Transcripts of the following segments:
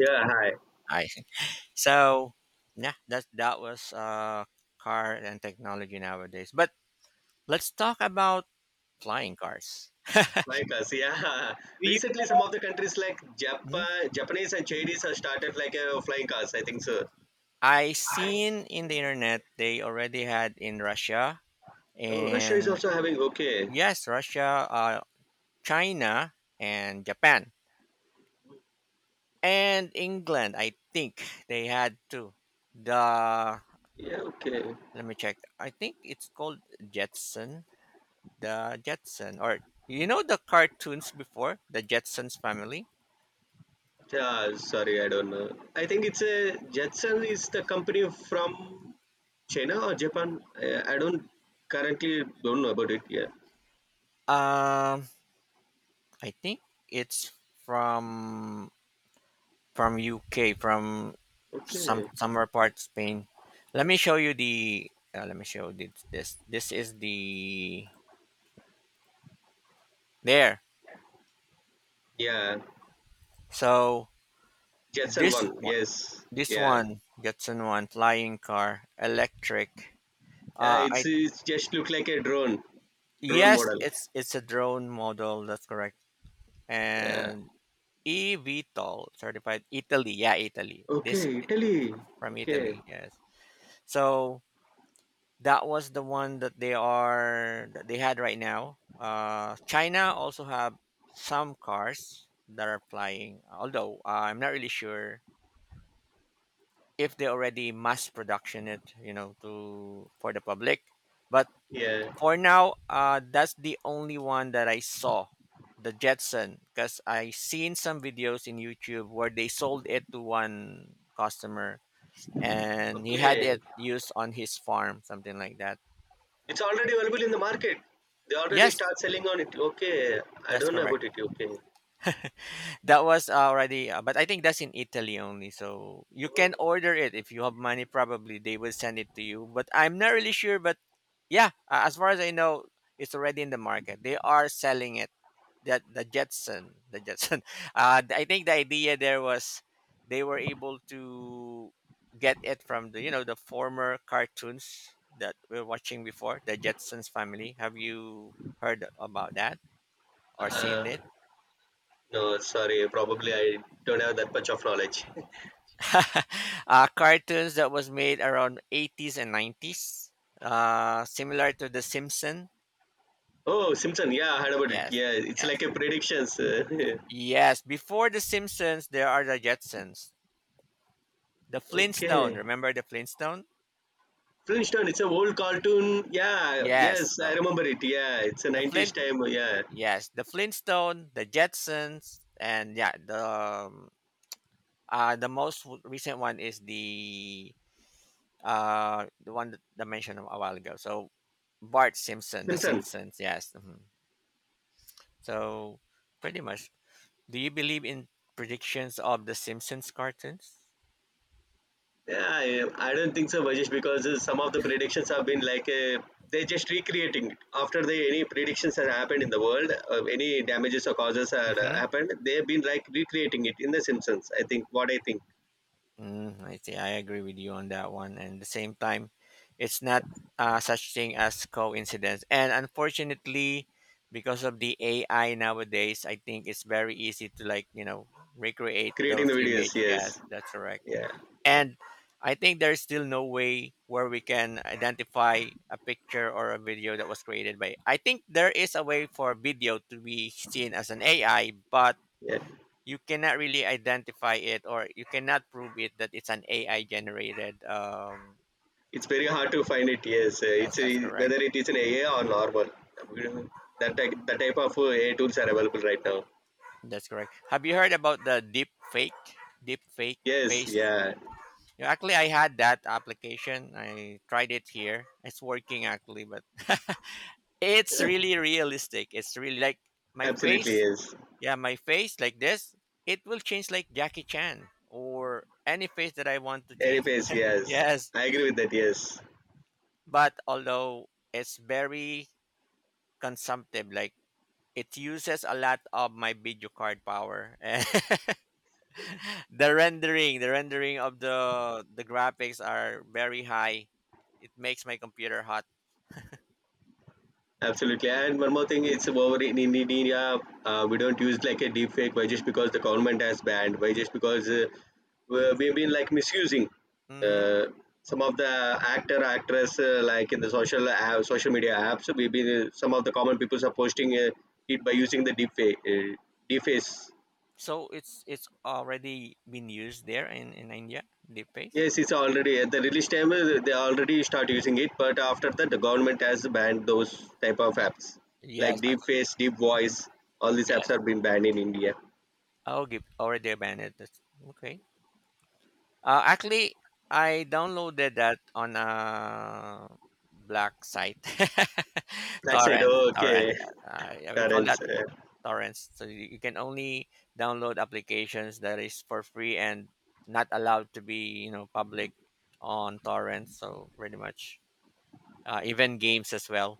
Yeah, hi. I see. So, yeah, that was car and technology nowadays. But let's talk about flying cars. Like us, yeah. Do you? Recently, some of the countries like Mhm. Japan, Japanese and Chinese have started like a flying cars. I think so. I seen in the internet they already had in Russia Oh, Russia is and also having. Okay, yes, Russia, China, and Japan and England. I think they had too. The yeah, okay. Let me check. I think it's called Jetson The Jetson, or you know the cartoons before the Jetsons family. Yeah, sorry, I don't know. I think it's a Jetson is the company from China or Japan. I don't currently don't know about it. Yeah. Um, I think it's from from UK, from Okay. somewhere part of Spain. Let me show you the. Let me show this. This is the there. Yeah, So Jetson this one. one, Yes. this Yeah. one, Jetson one, flying car, electric. It's I it's just look like a drone Yes, model. it's a drone model. That's correct. Yeah. And eVTOL certified Italy. Yeah, Italy. This Okay, Italy. from Okay. Italy. Yes. So that was the one that they had right now. China also have some cars that are flying. Although I'm not really sure if they already mass production it, you know, to for the public. But Yeah. for now, that's the only one that I saw, the Jetson, because I seen some videos in YouTube where they sold it to one customer and he had Okay. it used on his farm, something like that. It's already available in the market. They already Yes, start selling on it. Okay. I that's don't know about correct. it. Okay. That was already, but I think that's in Italy only. So you can order it if you have money. Probably they will send it to you, but I'm not really sure. But yeah, as far as I know, it's already in the market. They are selling it. The Jetson, the Jetson. I think the idea there was they were able to get it from the you know the former cartoons that we are watching before, the Jetsons family. Have you heard about that or seen Uh, it? no, sorry. Probably I don't have that much of knowledge. Cartoons that was made around 80s and 90s, similar to The Simpsons. Oh, Simpson. Yeah, I heard about it. Yes, Yeah, it's like yes, a predictions. Yes. Before The Simpsons, there are the Jetsons. The Flintstone, Okay. remember the Flintstone? Flintstone. It's a old cartoon. Yeah. Yes. Yes, I So remember it. Yeah, it's a The 90s Flint, time. Yeah. yes, the Flintstone, the Jetsons, and yeah, um, the most recent one is the one that I mentioned a while ago. So Bart Simpson, The Simpson. Simpsons, yes. Mhm. So pretty much, do you believe in predictions of the Simpsons cartoons? Yeah, I don't think so, Vajesh, because some of the predictions have been like they're just recreating it after the any predictions have happened in the world, any damages or causes had happened. They've been like recreating it in The Simpsons. I think what I think, I see. I agree with you on that one. And at the same time, it's not such thing as coincidence. And unfortunately, because of the AI nowadays, I think it's very easy to like recreate creating those the image. videos. Yes, Yes, that's correct. yeah, And I think there's still no way where we can identify a picture or a video that was created by. I think there is a way for video to be seen as an AI, but yeah. you cannot really identify it or you cannot prove it that it's an AI generated. It's very hard to find it. Yes, Yes, it's that's a, correct. whether it is an AI or normal. We don't- that type of AI tools are available right now. That's correct. Have you heard about the deep fake? Deep fake Yes, face. yeah, Actually, I had that application. I tried it here. It's working actually, but it's really realistic. It's really like my absolutely. face. Yes, Yeah, my face like this. It will change like Jackie Chan or any face that I want to change. anyways, yes, Yes, I agree with that. Yes. but although it's very consumptive. Like it uses a lot of my video card power. And the rendering of the graphics are very high. It makes my computer hot. Absolutely, and one more thing, it's over in India. We don't use like a deep fake, why just because the government has banned, why just because we've been like misusing Hmm. uh, some of the actor actress like in the social media apps. So we've been some of the common people are posting it by using the deep fake, deep face. So it's already been used there in India. Deepface. Yes, it's already at the release time. They already start using it, but after that, the government has banned those type of Y- apps Yes, like deep actually. face, deep Mhm. voice. All these apps Yes. have been banned in India. Oh, give already abandoned. That's okay. Actually, I downloaded that on a black site, Blackside, torrents, oh, torrent. okay, Yeah, we call that Terence. Torrents. So you can only download applications that is for free and not allowed to be, public on torrents. So pretty much, even games as well.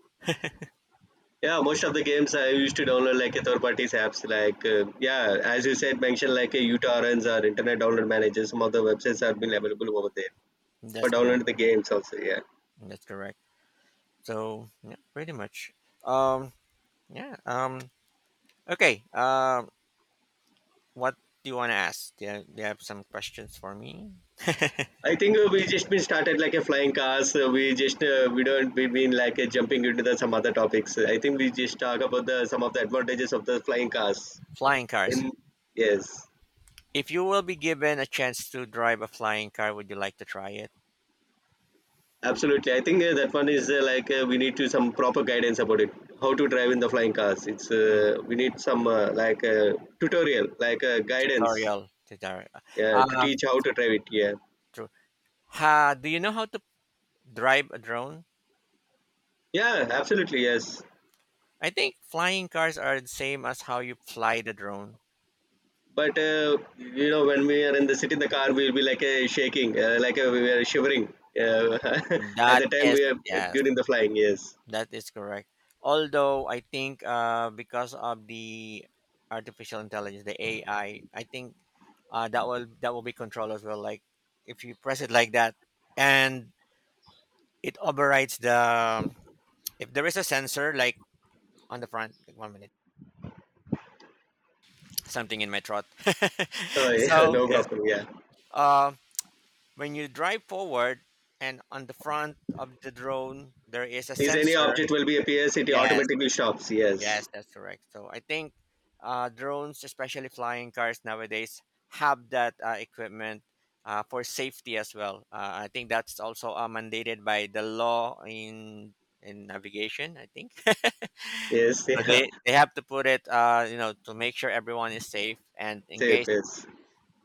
Yeah, most of the games I used to download like a third parties apps. Like yeah, as you said, mention like a uTorrents or Internet Download Manager. Some of the websites have been available over there for That's correct. downloading the games also. Yeah. That's correct. So yeah, pretty much. Um, yeah. Okay. What do you want to ask? Do you have some questions for me? I think we just been started like a flying cars. We don't we been like jumping into the some other topics. I think we just talk about the some of the advantages of the flying cars. Flying cars. In yes, If you will be given a chance to drive a flying car, would you like to try it? absolutely. I think that one is like we need to some proper guidance about it. How to drive in the flying cars? It's Mm. We need some like tutorial, like guidance, Tutorial. Tutorial. yeah, uh, to Um, teach how to drive it. Yeah, Ha, do you know how to drive a drone? yeah, absolutely. Yes, I think flying cars are the same as how you fly the drone. but you know, when we are in the city in the car, we'll be like a shaking, like a, we are shivering. Uh, at That the time is we are Yes, during the flying, yes. that is correct. Although I think because of the artificial intelligence, the AI, I think that will be controlled as well. Like if you press it like that, and it overrides the if there is a sensor like on the front. Like one minute, something in my throat. Oh, yeah, So no yes, problem. Yeah, um when you drive forward and on the front of the drone, there is a is any sensor. object will be appears, it Yes, automatically stops. yes, Yes, that's correct. So I think drones, especially flying cars nowadays, have that equipment for safety as well. I think that's also mandated by the law in navigation. I think yes, so yeah, they have to put it, to make sure everyone is safe and in safe. case Yes,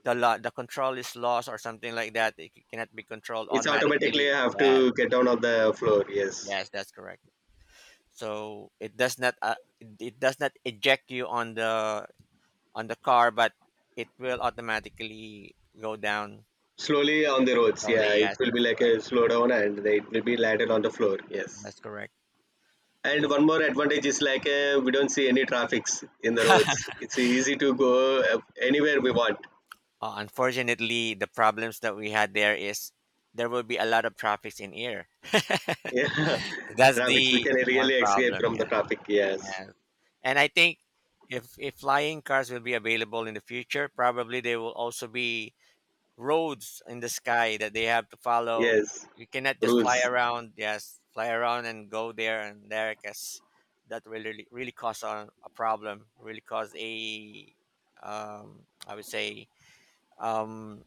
the control is lost or something like that, it cannot be controlled it's automatically automatically. have Yes. to get down on the floor. Yes, Yes, that's correct. So it does not eject you on the car, but it will automatically go down slowly on the roads. slowly. Yeah, it Yes, will be that's like correct. a slow down, and it will be landed on the floor. Yes. That's correct. And But one more advantage is like we don't see any traffics in the roads. It's easy to go anywhere we want. Unfortunately, the problems that we had there is there will be a lot of traffics in here. Yeah, That's traffics. We the can one really escape problem. from the Yeah, traffic. Yes, yeah. And I think if flying cars will be available in the future, probably they will also be roads in the sky that they have to follow. yes. You cannot just fly Rules. around. Yes, fly around and go there and there. Cause that will really really cause a problem. Really cause a I would say um,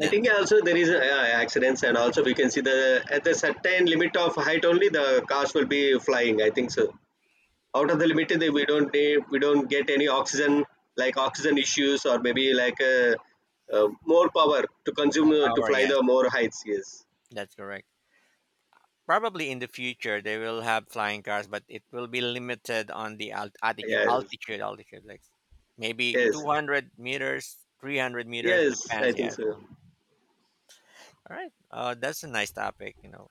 I think also there is accidents, and also we can see the at the certain limit of height only the cars will be flying. I think so. Out of the limit, we don't get any oxygen like oxygen issues or maybe like uh, more power to consume More to power. fly Yes, the more heights. Yes. that's correct. Probably in the future they will have flying cars, but it will be limited on the alt- altitude, Yes, altitude, altitude, like maybe yes, 200 meters, 300 meters yes, I depends. think Yes. so. All right. That's a nice topic,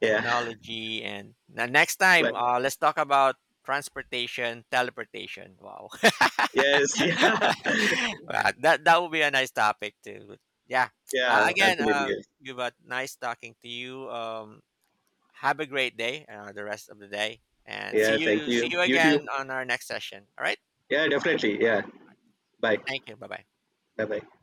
Yeah, technology. And now next time, like, let's talk about transportation, teleportation. Wow. yes, yeah, Wow, that would be a nice topic too. But yeah. Yeah, Again, absolutely. Yes. Yuba, nice talking to you. Have a great day, the rest of the day. And Yeah, thank see you. you You too. again on our next session. All right. Yeah, Uh, definitely. Yeah, bye. thank you. Bye bye. Bye bye.